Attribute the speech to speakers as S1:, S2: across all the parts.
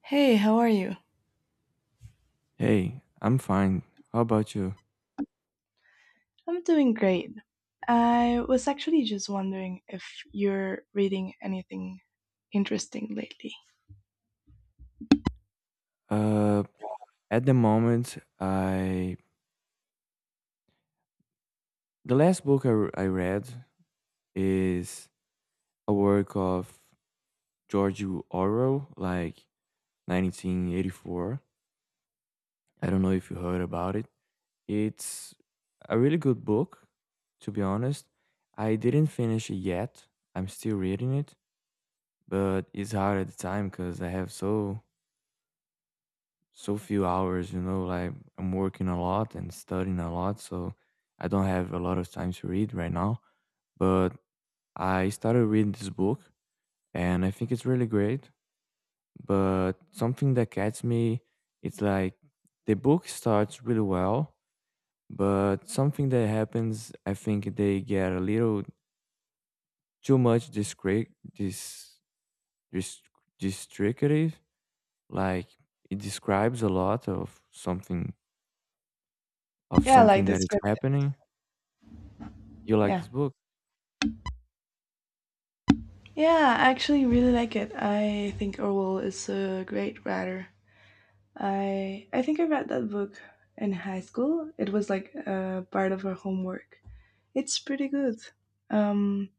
S1: Hey, how are you?
S2: Hey, I'm fine. How about you?
S1: I'm doing great. I was actually just wondering if you're reading anything interesting lately.
S2: Uh, at the moment, I the last book I read is a work of George Orwell, like 1984. I don't know if you heard about it. It's a really good book, to be honest. I didn't finish it yet. I'm still reading it, but it's hard at the time because I have so few hours, you know, like I'm working a lot and studying a lot, so I don't have a lot of time to read right now. But I started reading this book and I think it's really great. But something that gets me, it's like the book starts really well, but something that happens, I think they get a little too much discre this this descriptive. Like it describes a lot of
S1: Yeah, like
S2: something
S1: the
S2: that is
S1: script.
S2: happening. You like
S1: Yeah.
S2: this book?
S1: Yeah, I actually really like it. I think Orwell is a great writer. I think I read that book in high school. It was like part of our homework. It's pretty good. Um,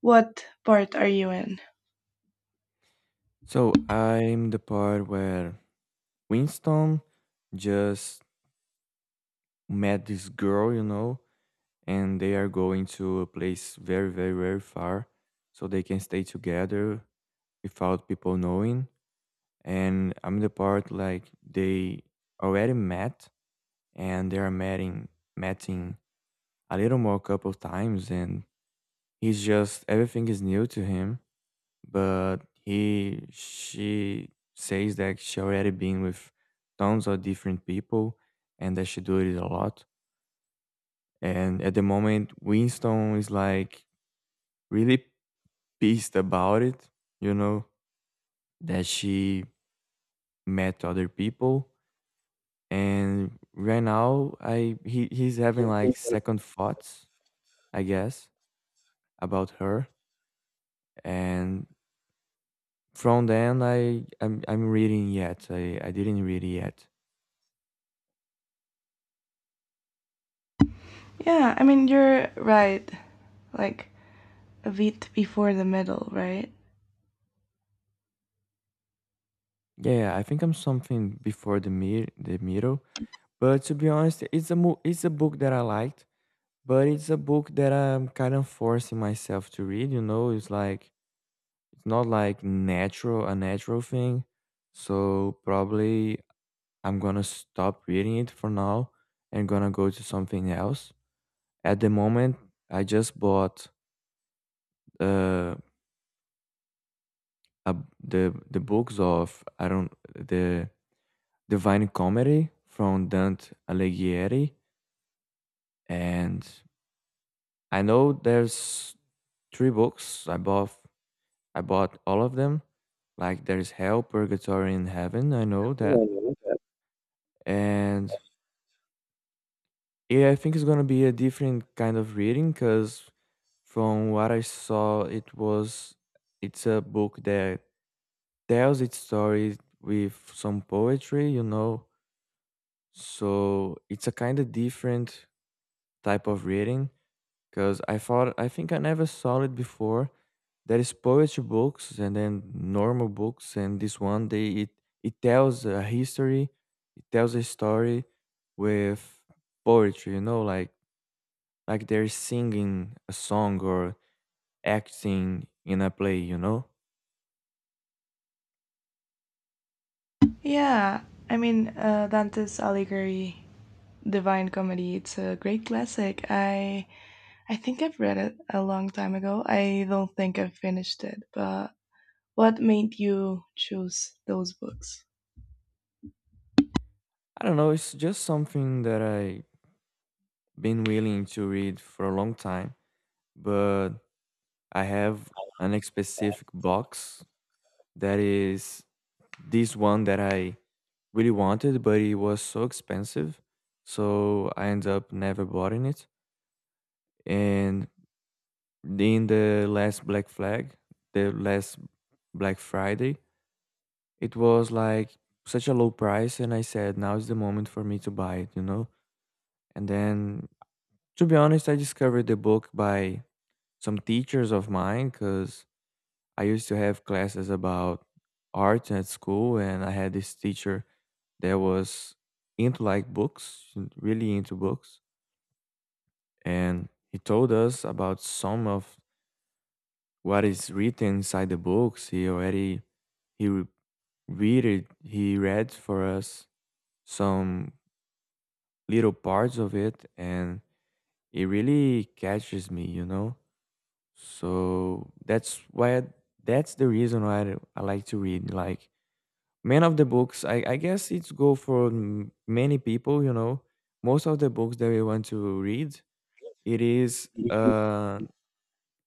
S1: what part are you in?
S2: So I'm the part where Winston just met this girl, you know, and they are going to a place very, very, very far so they can stay together without people knowing. And I'm the part like they already met and they are meeting a little more couple times and he's just everything is new to him but he she says that she already been with tons of different people and that she do it a lot, and at the moment Winston is like really pissed about it, you know, that she met other people. And right now he's having like second thoughts, I guess, about her. And from then I'm reading yet I didn't read it yet.
S1: Yeah, I mean you're right. Like a bit before the middle, right?
S2: Yeah, yeah, I think I'm something before the mid the middle. But to be honest, it's a book that I liked, but it's a book that I'm kind of forcing myself to read. You know, it's like it's not like natural a natural thing. So probably I'm gonna stop reading it for now and gonna go to something else. At the moment, I just bought uh a, the books of I don't the Divine Comedy from Dante Alighieri. And I know there's three books. I bought all of them. Like there's Hell, Purgatory, and Heaven. I know that. And yeah, I think it's gonna be a different kind of reading because from what I saw, it's a book that tells its story with some poetry, you know. So it's a kind of different type of reading. Because I think I never saw it before. There is poetry books and then normal books, and this one, it tells a history, it tells a story with poetry, you know, like they're singing a song or acting in a play, you know?
S1: Yeah, I mean, Dante's Allegory, Divine Comedy, it's a great classic. I think I've read it a long time ago. I don't think I've finished it, but what made you choose those books?
S2: I don't know, it's just something that I been willing to read for a long time, but I have an specific box that is this one that I really wanted, but it was so expensive, so I ended up never buying it. And in the the last Black Friday, it was like such a low price, and I said, now is the moment for me to buy it, you know? And then, to be honest, I discovered the book by some teachers of mine because I used to have classes about art at school, and I had this teacher that was into like books, really into books, and he told us about some of what is written inside the books. He already he re- read it, he read for us some little parts of it, and it really catches me, you know. So that's the reason why I like to read. Like man of the books I guess it's go for many people, you know, most of the books that we want to read, it is a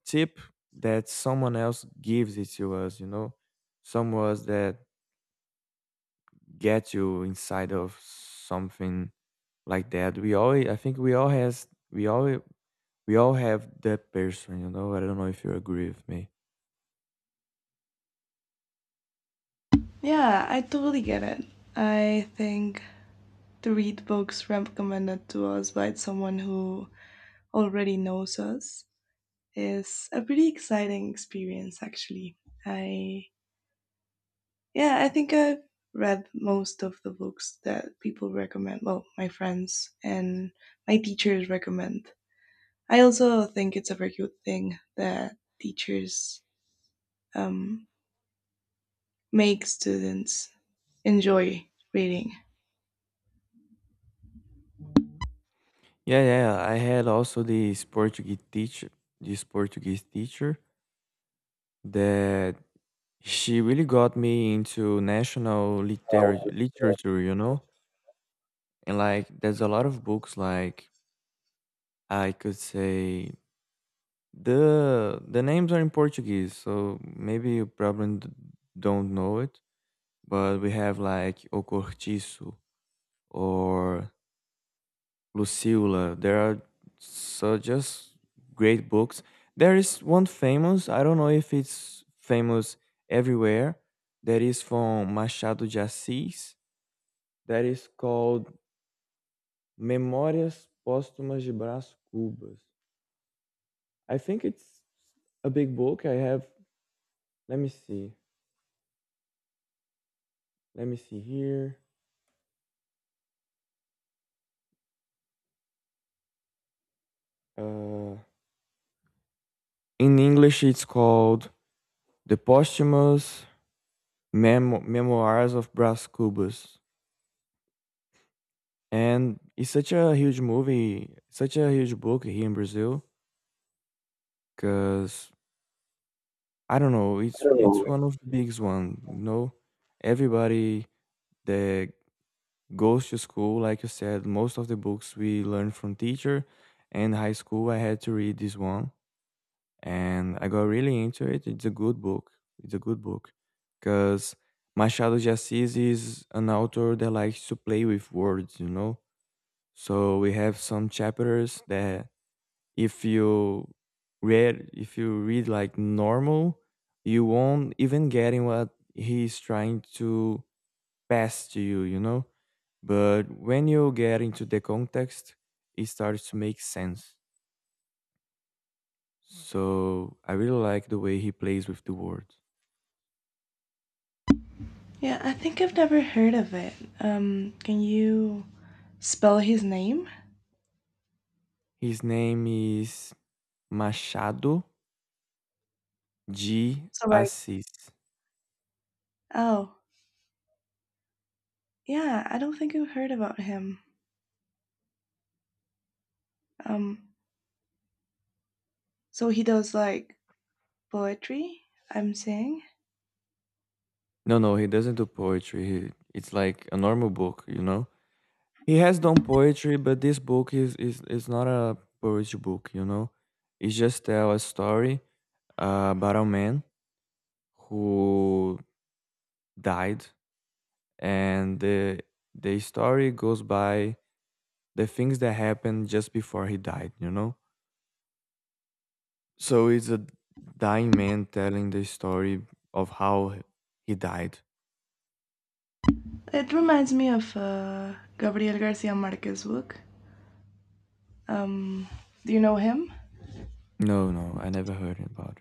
S2: tip that someone else gives it to us, you know, someone that gets you inside of something, like that we all, we all have that person, you know, I don't know if you agree with me.
S1: Yeah, I totally get it. I think to read books recommended to us by someone who already knows us is a pretty exciting experience, actually. I Yeah, I think I've read most of the books that people recommend. Well, my friends and my teachers recommend. I also think it's a very good thing that teachers um, make students enjoy reading.
S2: Yeah, yeah, I had also this Portuguese teacher that she really got me into national
S1: Um,
S2: literature, you know? And like there's a lot of books like I could say the names are in Portuguese, so maybe you probably don't know it, but we have like O Cortiço or Lucila. There are so just great books. There is one famous, I don't know if it's famous everywhere, that is from Machado de Assis that is called Memorias Póstumas de Brás Cubas. I think it's a big book. Let me see, let me see here. Uh, in English, it's called The Posthumous Memoirs of Brás Cubas. And it's such a huge movie, such a huge book here in Brazil, because I don't know, it's one of the biggest one. You know, everybody that goes to school, like you said, most of the books we learn from teacher, and high school I had to read this one, and I got really into it. It's a good book, it's a good book because Machado de Assis is an author that likes to play with words, you know, so we have some chapters that if you if you read like normal, you won't even getting what he's trying to pass to you, you know? But when you get into the context, it starts to make sense. So I really like the way he plays with the words.
S1: Yeah, I think I've never heard of it. Can you spell his name?
S2: His name is Machado de
S1: So like,
S2: Assis.
S1: oh, yeah, I don't think I've heard about him. Um, so he does like poetry. I'm saying.
S2: No, no, he doesn't do poetry. It's like a normal book, you know? He has done poetry, but this book is, is not a poetry book, you know? It just tell a story about a man who died, and the story goes by the things that happened just before he died, you know. So it's a dying man telling the story of he died.
S1: It reminds me of Gabriel Garcia Marquez's book. Um, do you know him?
S2: No, no, I never heard about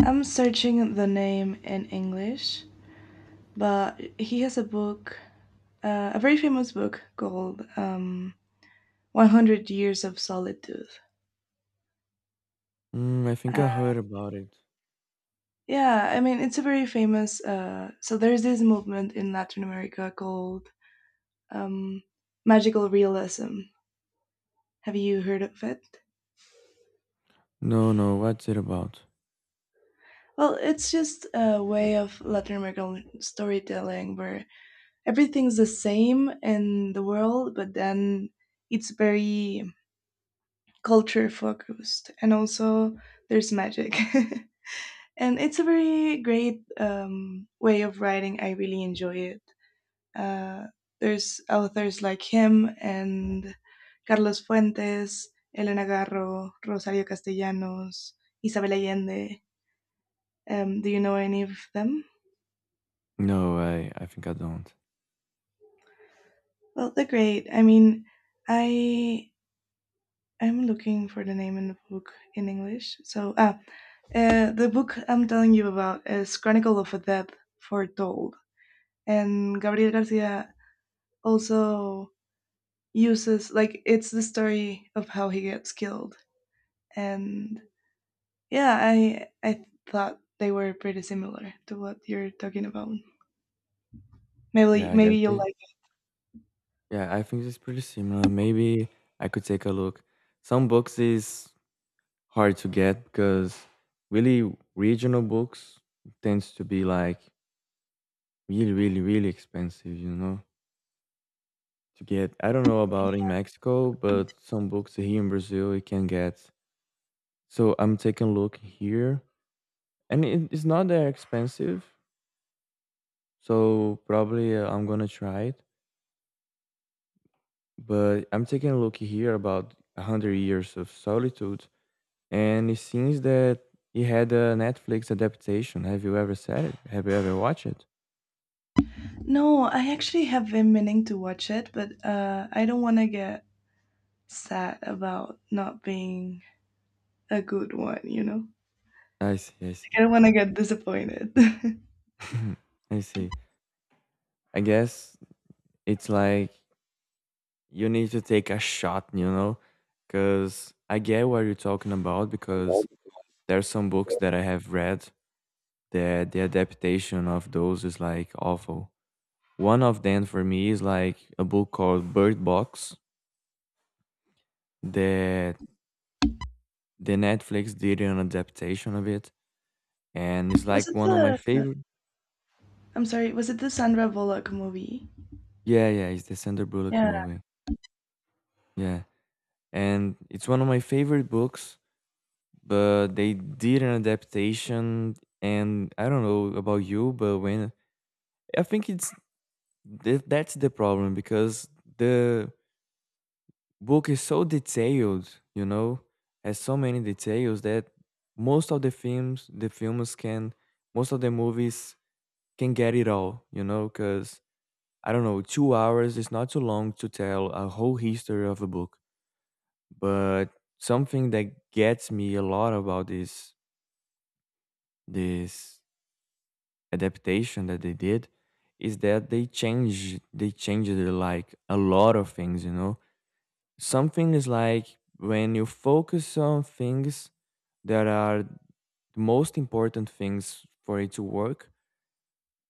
S1: I'm searching the name in English, but he has a book, a very famous book called 100 Years of Solitude.
S2: it. I think
S1: Uh,
S2: I heard about it.
S1: yeah, I mean, it's a very famous. So there's this movement in Latin America called um, magical realism. Have you heard of it?
S2: No, no, what's it about?
S1: Well, it's just a way of Latin American storytelling where everything's the same in the world, but then it's very culture focused, and also there's magic. And it's a very great way of writing. I really enjoy it. Uh, there's authors like him and Carlos Fuentes, Elena Garro, Rosario Castellanos, Isabel Allende. Do you know any of them?
S2: No, I think I don't.
S1: Well, they're great. I mean, I I'm looking for the name in the book in English. So, the book I'm telling you about is Chronicle of a Death Foretold. And Gabriel Garcia also uses, like, it's the story of how he gets killed. And yeah, I thought they were pretty similar to what you're talking about. Maybe
S2: Yeah,
S1: maybe you'll like it.
S2: yeah, I think it's pretty similar, maybe I could take a look. Some books is hard to get because really regional books tends to be like really, really, really expensive, you know, to get. I don't know about in Mexico, but some books here in Brazil you can get. So I'm taking a look here, and it's not that expensive. So probably I'm gonna try it. But I'm taking a look here about a hundred years of solitude, and it seems that it had a Netflix adaptation. Have you ever said it? Have you ever watched it?
S1: No, I actually have been meaning to watch it, but I don't want to get sad about not being a good one, you know?
S2: I see. I
S1: I
S2: see.
S1: don't want to get disappointed.
S2: I see. I guess it's like you need to take a shot, you know, because I get what you're talking about. Because there's some books that I have read that the adaptation of those is like awful. One of them for me is like a book called Bird Box that the Netflix did an adaptation of it, and it's
S1: was
S2: like
S1: it
S2: one of my
S1: the?
S2: favorite.
S1: I'm sorry. Was it the Sandra Bullock movie?
S2: Yeah, yeah, it's the Sandra Bullock
S1: Yeah.
S2: movie. Yeah, and it's one of my favorite books, but they did an adaptation, and I don't know about you, but when I think it's that's the problem because the book is so detailed, you know, has so many details that most of the films the films can most of the movies can get it all, you know, because I don't know, 2 hours is not too long to tell a whole history of a book. But something that gets me a lot about this adaptation that they did is that they changed like a lot of things, you know. Something is like when you focus on things that are the most important things for it to work,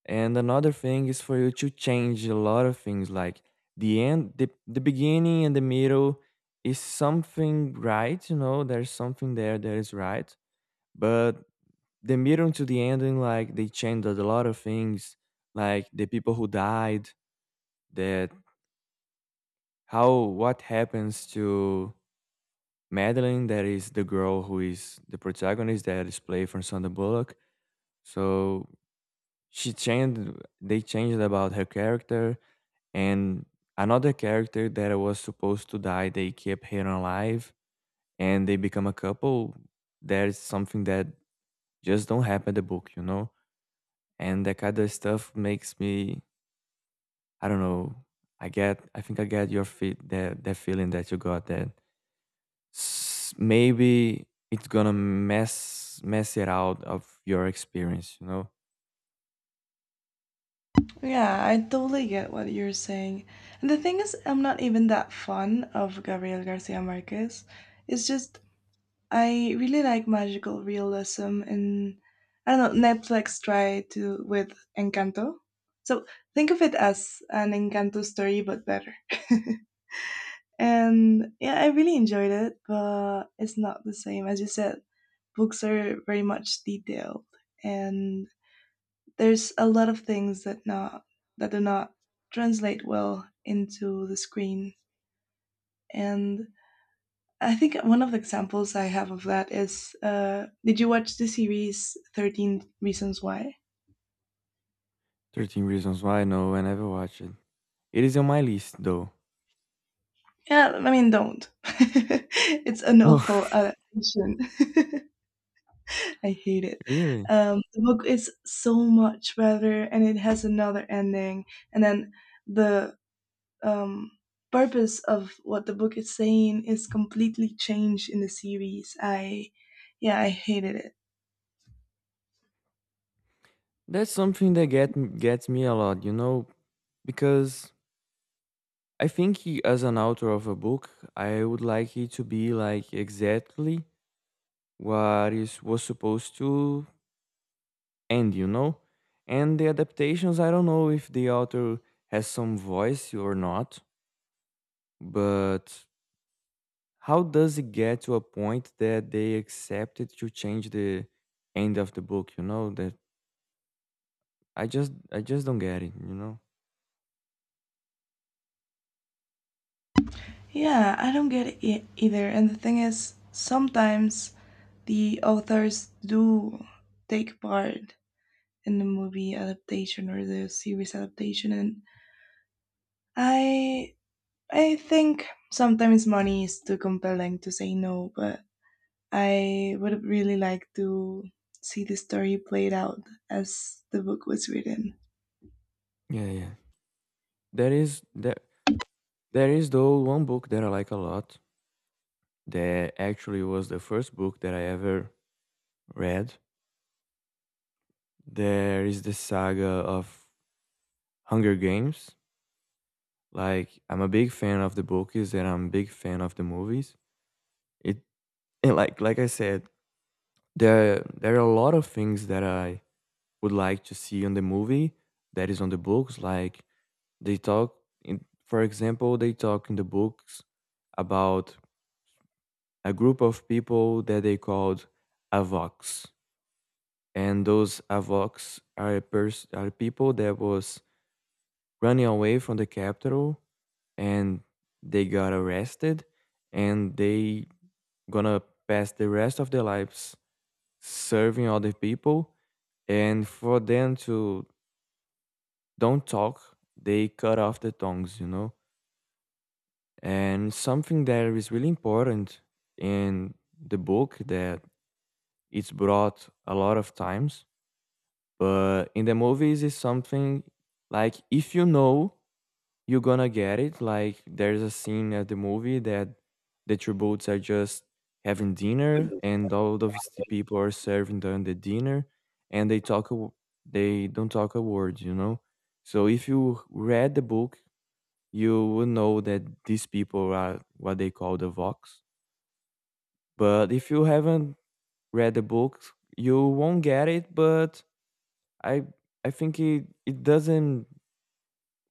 S2: and another thing is for you to change a lot of things, like the end, the beginning and the middle is something right, you know, there's something there that is right. But the middle to the ending, like they changed a lot of things, like the people who died, that how what happens to Madeline, that is the girl who is the protagonist that is played from Sandra Bullock. So she changed, they changed about her character, and another character that was supposed to die, they kept her alive and they become a couple. That is something that just don't happen in the book, you know. And that kind of stuff makes me I don't know. I think I get your feet. That feeling that you got. That maybe it's gonna mess it out of your experience, you know.
S1: Yeah, I totally get what you're saying. And the thing is, I'm not even that fond of Gabriel Garcia Marquez. It's just I really like magical realism, and I don't know. Netflix tried to with Encanto, so think of it as an Encanto story but better. And yeah, I really enjoyed it, but it's not the same as you said. Books are very much detailed, and there's a lot of things that not that do not translate well into the screen, and I think one of the examples I have of that is did you watch the series 13 Reasons Why?
S2: 13 Reasons Why. No, I never watched it. It is on my list though.
S1: Yeah, I mean don't. It's an awful
S2: Oh,
S1: adaptation. I hate it.
S2: really?
S1: The book is so much better and it has another ending, and then the um, purpose of what the book is saying is completely changed in the series. Yeah, I hated it.
S2: That's something that gets me a lot. You know, because I think as an author of a book, I would like it to be like exactly what is was supposed to. And you know, and the adaptations, I don't know if the author has some voice or not, but how does it get to a point that they accepted to change the end of the book, you know? That I just don't get it, you know?
S1: Yeah, I don't get it either. And the thing is, sometimes the authors do take part in the movie adaptation or the series adaptation, and I, I think sometimes money is too compelling to say no, but I would really like to see the story played out as the book was written.
S2: Yeah, yeah. There is there there is though one book that I like a lot that actually was the first book that I ever read. There is the saga of Hunger Games. Like, I'm a big fan of the books, and I'm a big fan of the movies. It, and like I said, there are a lot of things that I would like to see on the movie that is on the books. Like they talk in, for example, they talk in the books about a group of people that they called Avox. And those Avox are people that was running away from the capital and they got arrested and they gonna pass the rest of their lives serving other people, and for them to don't talk, they cut off the tongues, you know. And something that is really important in the book that it's brought a lot of times, but in the movies is something like, if you know, you're gonna get it. Like there's a scene at the movie that the two boats are just having dinner, and all of the people are serving them the dinner, and they don't talk a word, you know. So if you read the book, you will know that these people are what they call the Vox. But if you haven't read the book, you won't get it. But I I think it doesn't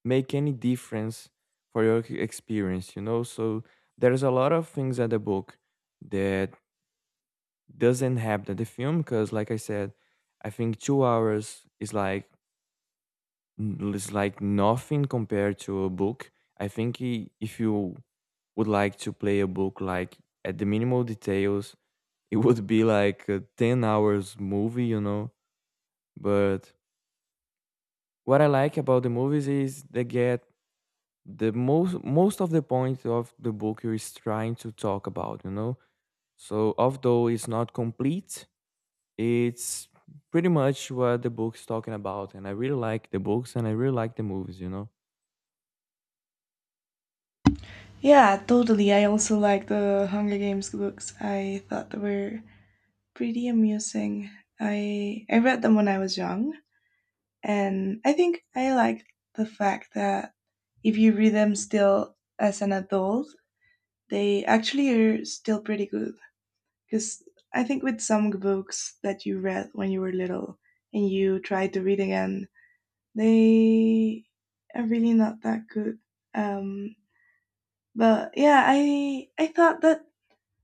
S2: make any difference for your experience, you know. So there's a lot of things at the book that doesn't happen at the film because like I said, I think 2 hours is like nothing compared to a book. I think if you would like to play a book like at the minimal details, it would be like a 10 hours movie, you know. But what I like about the movies is they get the most of the point of the book is trying to talk about, you know. So although it's not complete, it's pretty much what the book's talking about, and I really like the books and I really like the movies, you know.
S1: Yeah, totally. I also like the Hunger Games books. I thought they were pretty amusing. I read them when I was young, and I think I liked the fact that if you read them still as an adult, they actually are still pretty good. Because I think with some books that you read when you were little and you try to read again, they are really not that good. Um, but yeah, I thought that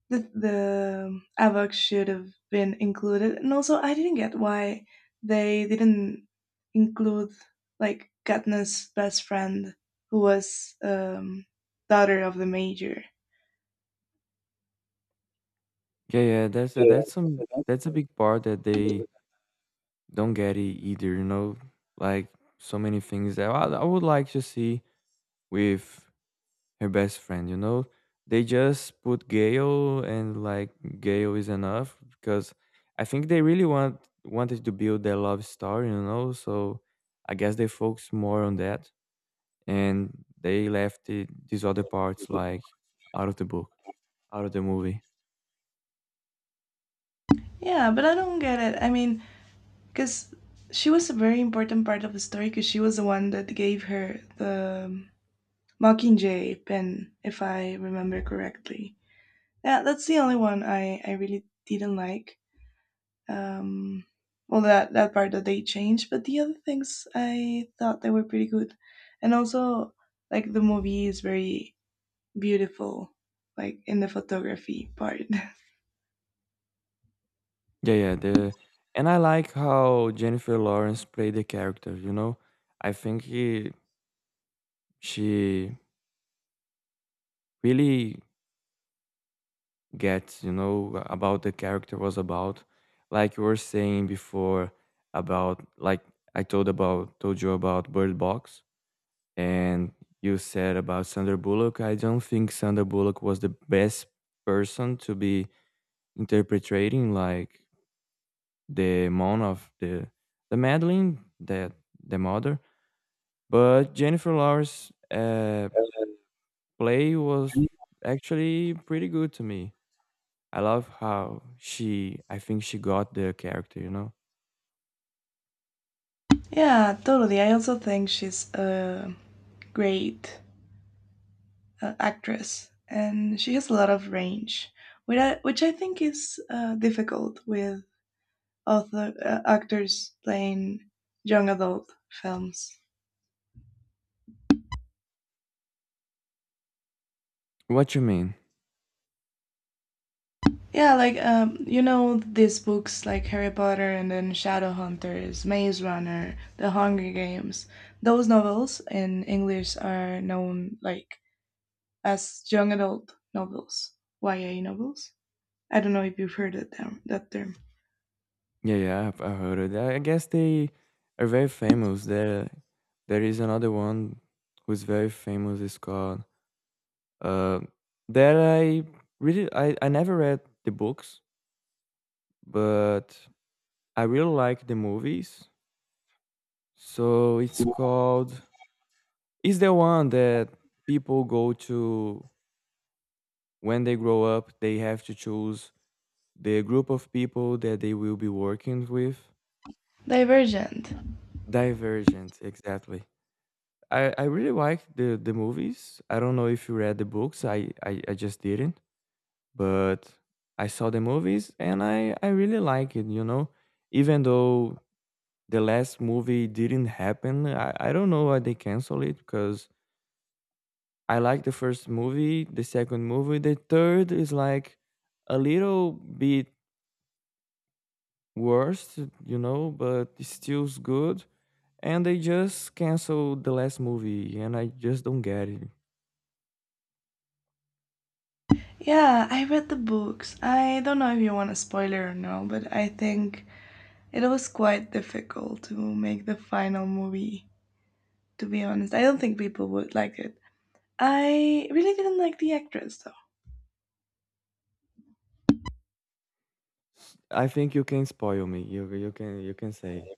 S1: the Avok should have been included. And also, I didn't get why they didn't include like Katniss' best friend, who was daughter of the major.
S2: Yeah, yeah,
S1: Yeah,
S2: that's some that's a big part that they don't get it either, you know. Like so many things that I would like to see with her best friend, you know? They just put Gale, and like Gale is enough because I think they really wanted to build their love story, you know? So I guess they focus more on that, and they left these other parts, like out of the book, out of the movie.
S1: yeah, but I don't get it. I mean, because she was a very important part of the story because she was the one that gave her the Mockingjay pen, if I remember correctly. Yeah, that's the only one I really didn't like. Um, well, that part that they changed, but the other things I thought they were pretty good, and also like the movie is very beautiful, like in the photography part.
S2: Yeah, yeah, the, and I like how Jennifer Lawrence played the character, you know? I think she really get, you know, about the character was about. Like you were saying before about like, I told you about Bird Box, and you said about Sandra Bullock. I don't think Sandra Bullock was the best person to be interpreting like the mom of the Madeline, that the mother. But Jennifer Lawrence play was actually pretty good to me. I love how she, I think she got the character, you know?
S1: Yeah, totally. I also think she's a great actress, and she has a lot of range, which which I think is difficult with author actors playing young adult films.
S2: What you mean?
S1: Yeah, like you know these books like Harry Potter and then Shadowhunters, Maze Runner, The Hunger Games. Those novels in English are known like as young adult novels, YA novels. I don't know if you've heard that term.
S2: Yeah, yeah, I heard it. I guess they are very famous. There is another one who's very famous. It's called uh, that I never read the books, but I really like the movies. So it's called, is the one that people go to when they grow up. They have to choose the group of people that they will be working with.
S1: Divergent.
S2: Divergent, exactly. I really like the movies. I don't know if you read the books. I just didn't, but I saw the movies and I really like it, you know. Even though the last movie didn't happen, I don't know why they cancel it because I like the first movie, the second movie, the third is like a little bit worse, you know, but it's still good. And they just canceled the last movie, and I just don't get it.
S1: Yeah, I read the books. I don't know if you want a spoiler or no, but I think it was quite difficult to make the final movie. To be honest, I don't think people would like it. I really didn't like the actress though.
S2: I think you can spoil me. You can say.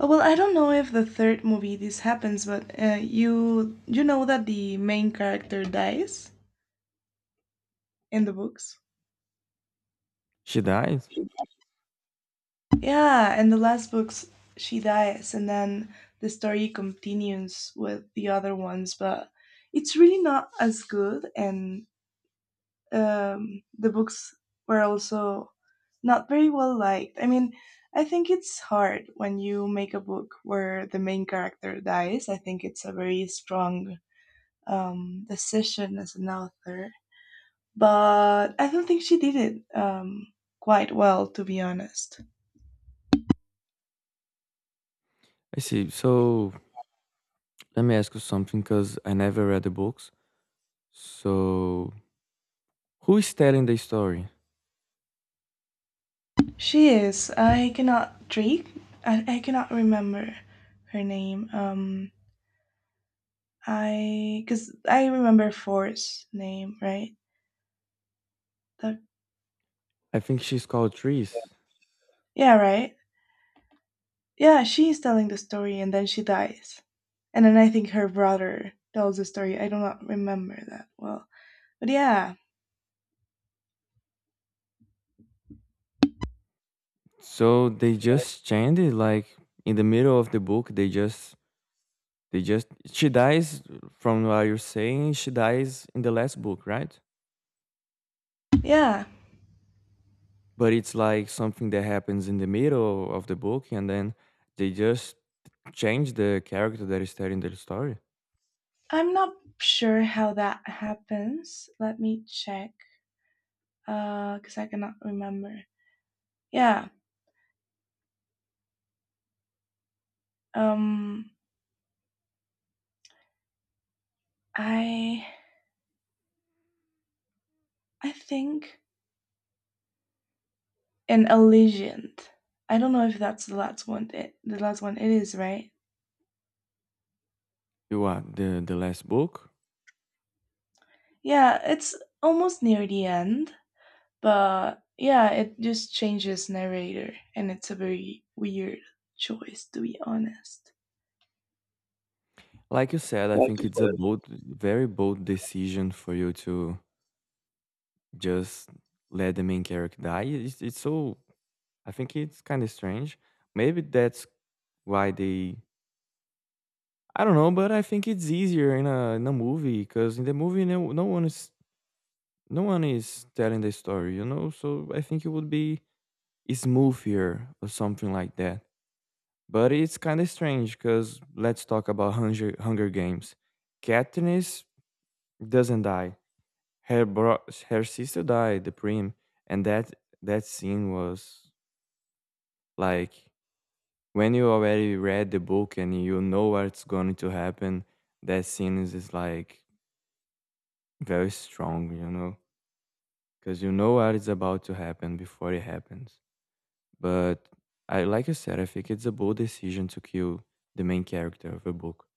S1: Oh, well, I don't know if the third movie this happens, but you know that the main character dies in the books.
S2: She died.
S1: Yeah, in the last books she dies, and then the story continues with the other ones, but it's really not as good and the books were also not very well liked. I mean, I think it's hard when you make a book where the main character dies. I think it's a very strong decision as an author. But I don't think she did it quite well, to be honest.
S2: I see. So let me ask you something, because I never read the books. So who is telling the story?
S1: She is. I cannot drink. I cannot remember her name. I Because I remember For's name, right? The,
S2: I think she's called Trees.
S1: yeah, right. Yeah, she's telling the story and then she dies. And then I think her brother tells the story. I do not remember that well. But yeah,
S2: So they just changed it, like in the middle of the book. They just she dies, from what you're saying. She dies in the last book, right?
S1: yeah.
S2: But it's like something that happens in the middle of the book, and then they just change the character that is telling the story.
S1: I'm not sure how that happens. Let me check. Cause I cannot remember. Yeah. Um, I I think an Elysiant. I don't know if that's the last one. The last one it is, right?
S2: You are the last book.
S1: Yeah, it's almost near the end. But yeah, it just changes narrator, and it's a very weird choice, to be honest.
S2: Like you said, I
S1: Like.
S2: think it's a bold very bold decision for you to just let the main character die. It's so, I think it's kind of strange. Maybe that's why they, I don't know, but I think it's easier in a, in a movie because in the movie no one is, no one is telling the story, you know. So I think it would be smoother or something like that. But it's kind of strange because let's talk about Hunger Games. Katniss doesn't die. Her bro, her sister died, the Prim, and that that scene was like when you already read the book and you know what's going to happen. That scene is just like very strong, you know, because you know what is about to happen before it happens. But I, like you said, I think it's a bold decision to kill the main character of a book.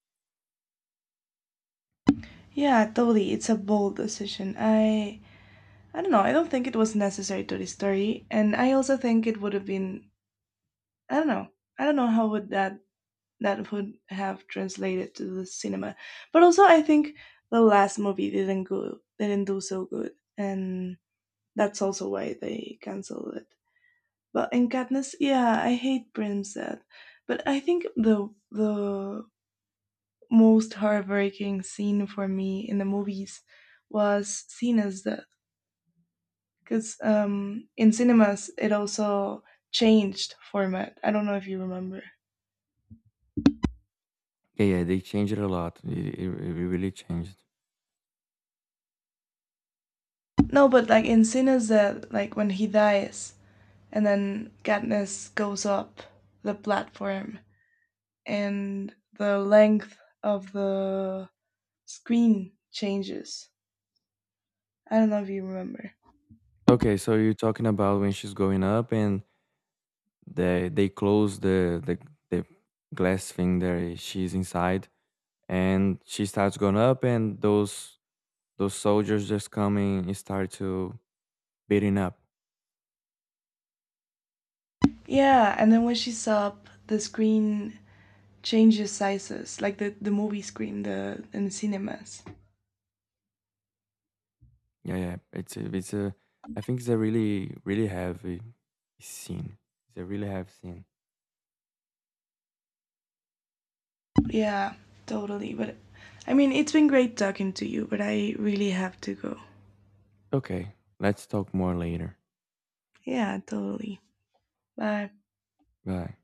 S1: Yeah, totally. It's a bold decision. I don't know. I don't think it was necessary to the story, and I also think it would have been. I don't know. I don't know how would that that would have translated to the cinema. But also, I think the last movie didn't do so good, and that's also why they canceled it. Well, in Katniss, yeah, I hate Primset, but I think the most heartbreaking scene for me in the movies was Cena's death, because in cinemas it also changed format. I don't know if you remember.
S2: Yeah, yeah, they changed it a lot. It really changed.
S1: No, but like in Cena's death, like when he dies, and then Katniss goes up the platform, and the length of the screen changes. I don't know if you remember.
S2: Okay, so you're talking about when she's going up, and they close the glass thing there. She's inside and she starts going up, and those soldiers just come in and start to beating up.
S1: Yeah, and then when she saw up, the screen changes sizes, like the movie screen, the in the cinemas.
S2: Yeah, yeah. It's a. I think it's a really, really heavy scene. It's a really heavy scene.
S1: Yeah, totally. But I mean, it's been great talking to you, but I really have to go.
S2: Okay, let's talk more later.
S1: Yeah, totally. Bye.
S2: Bye.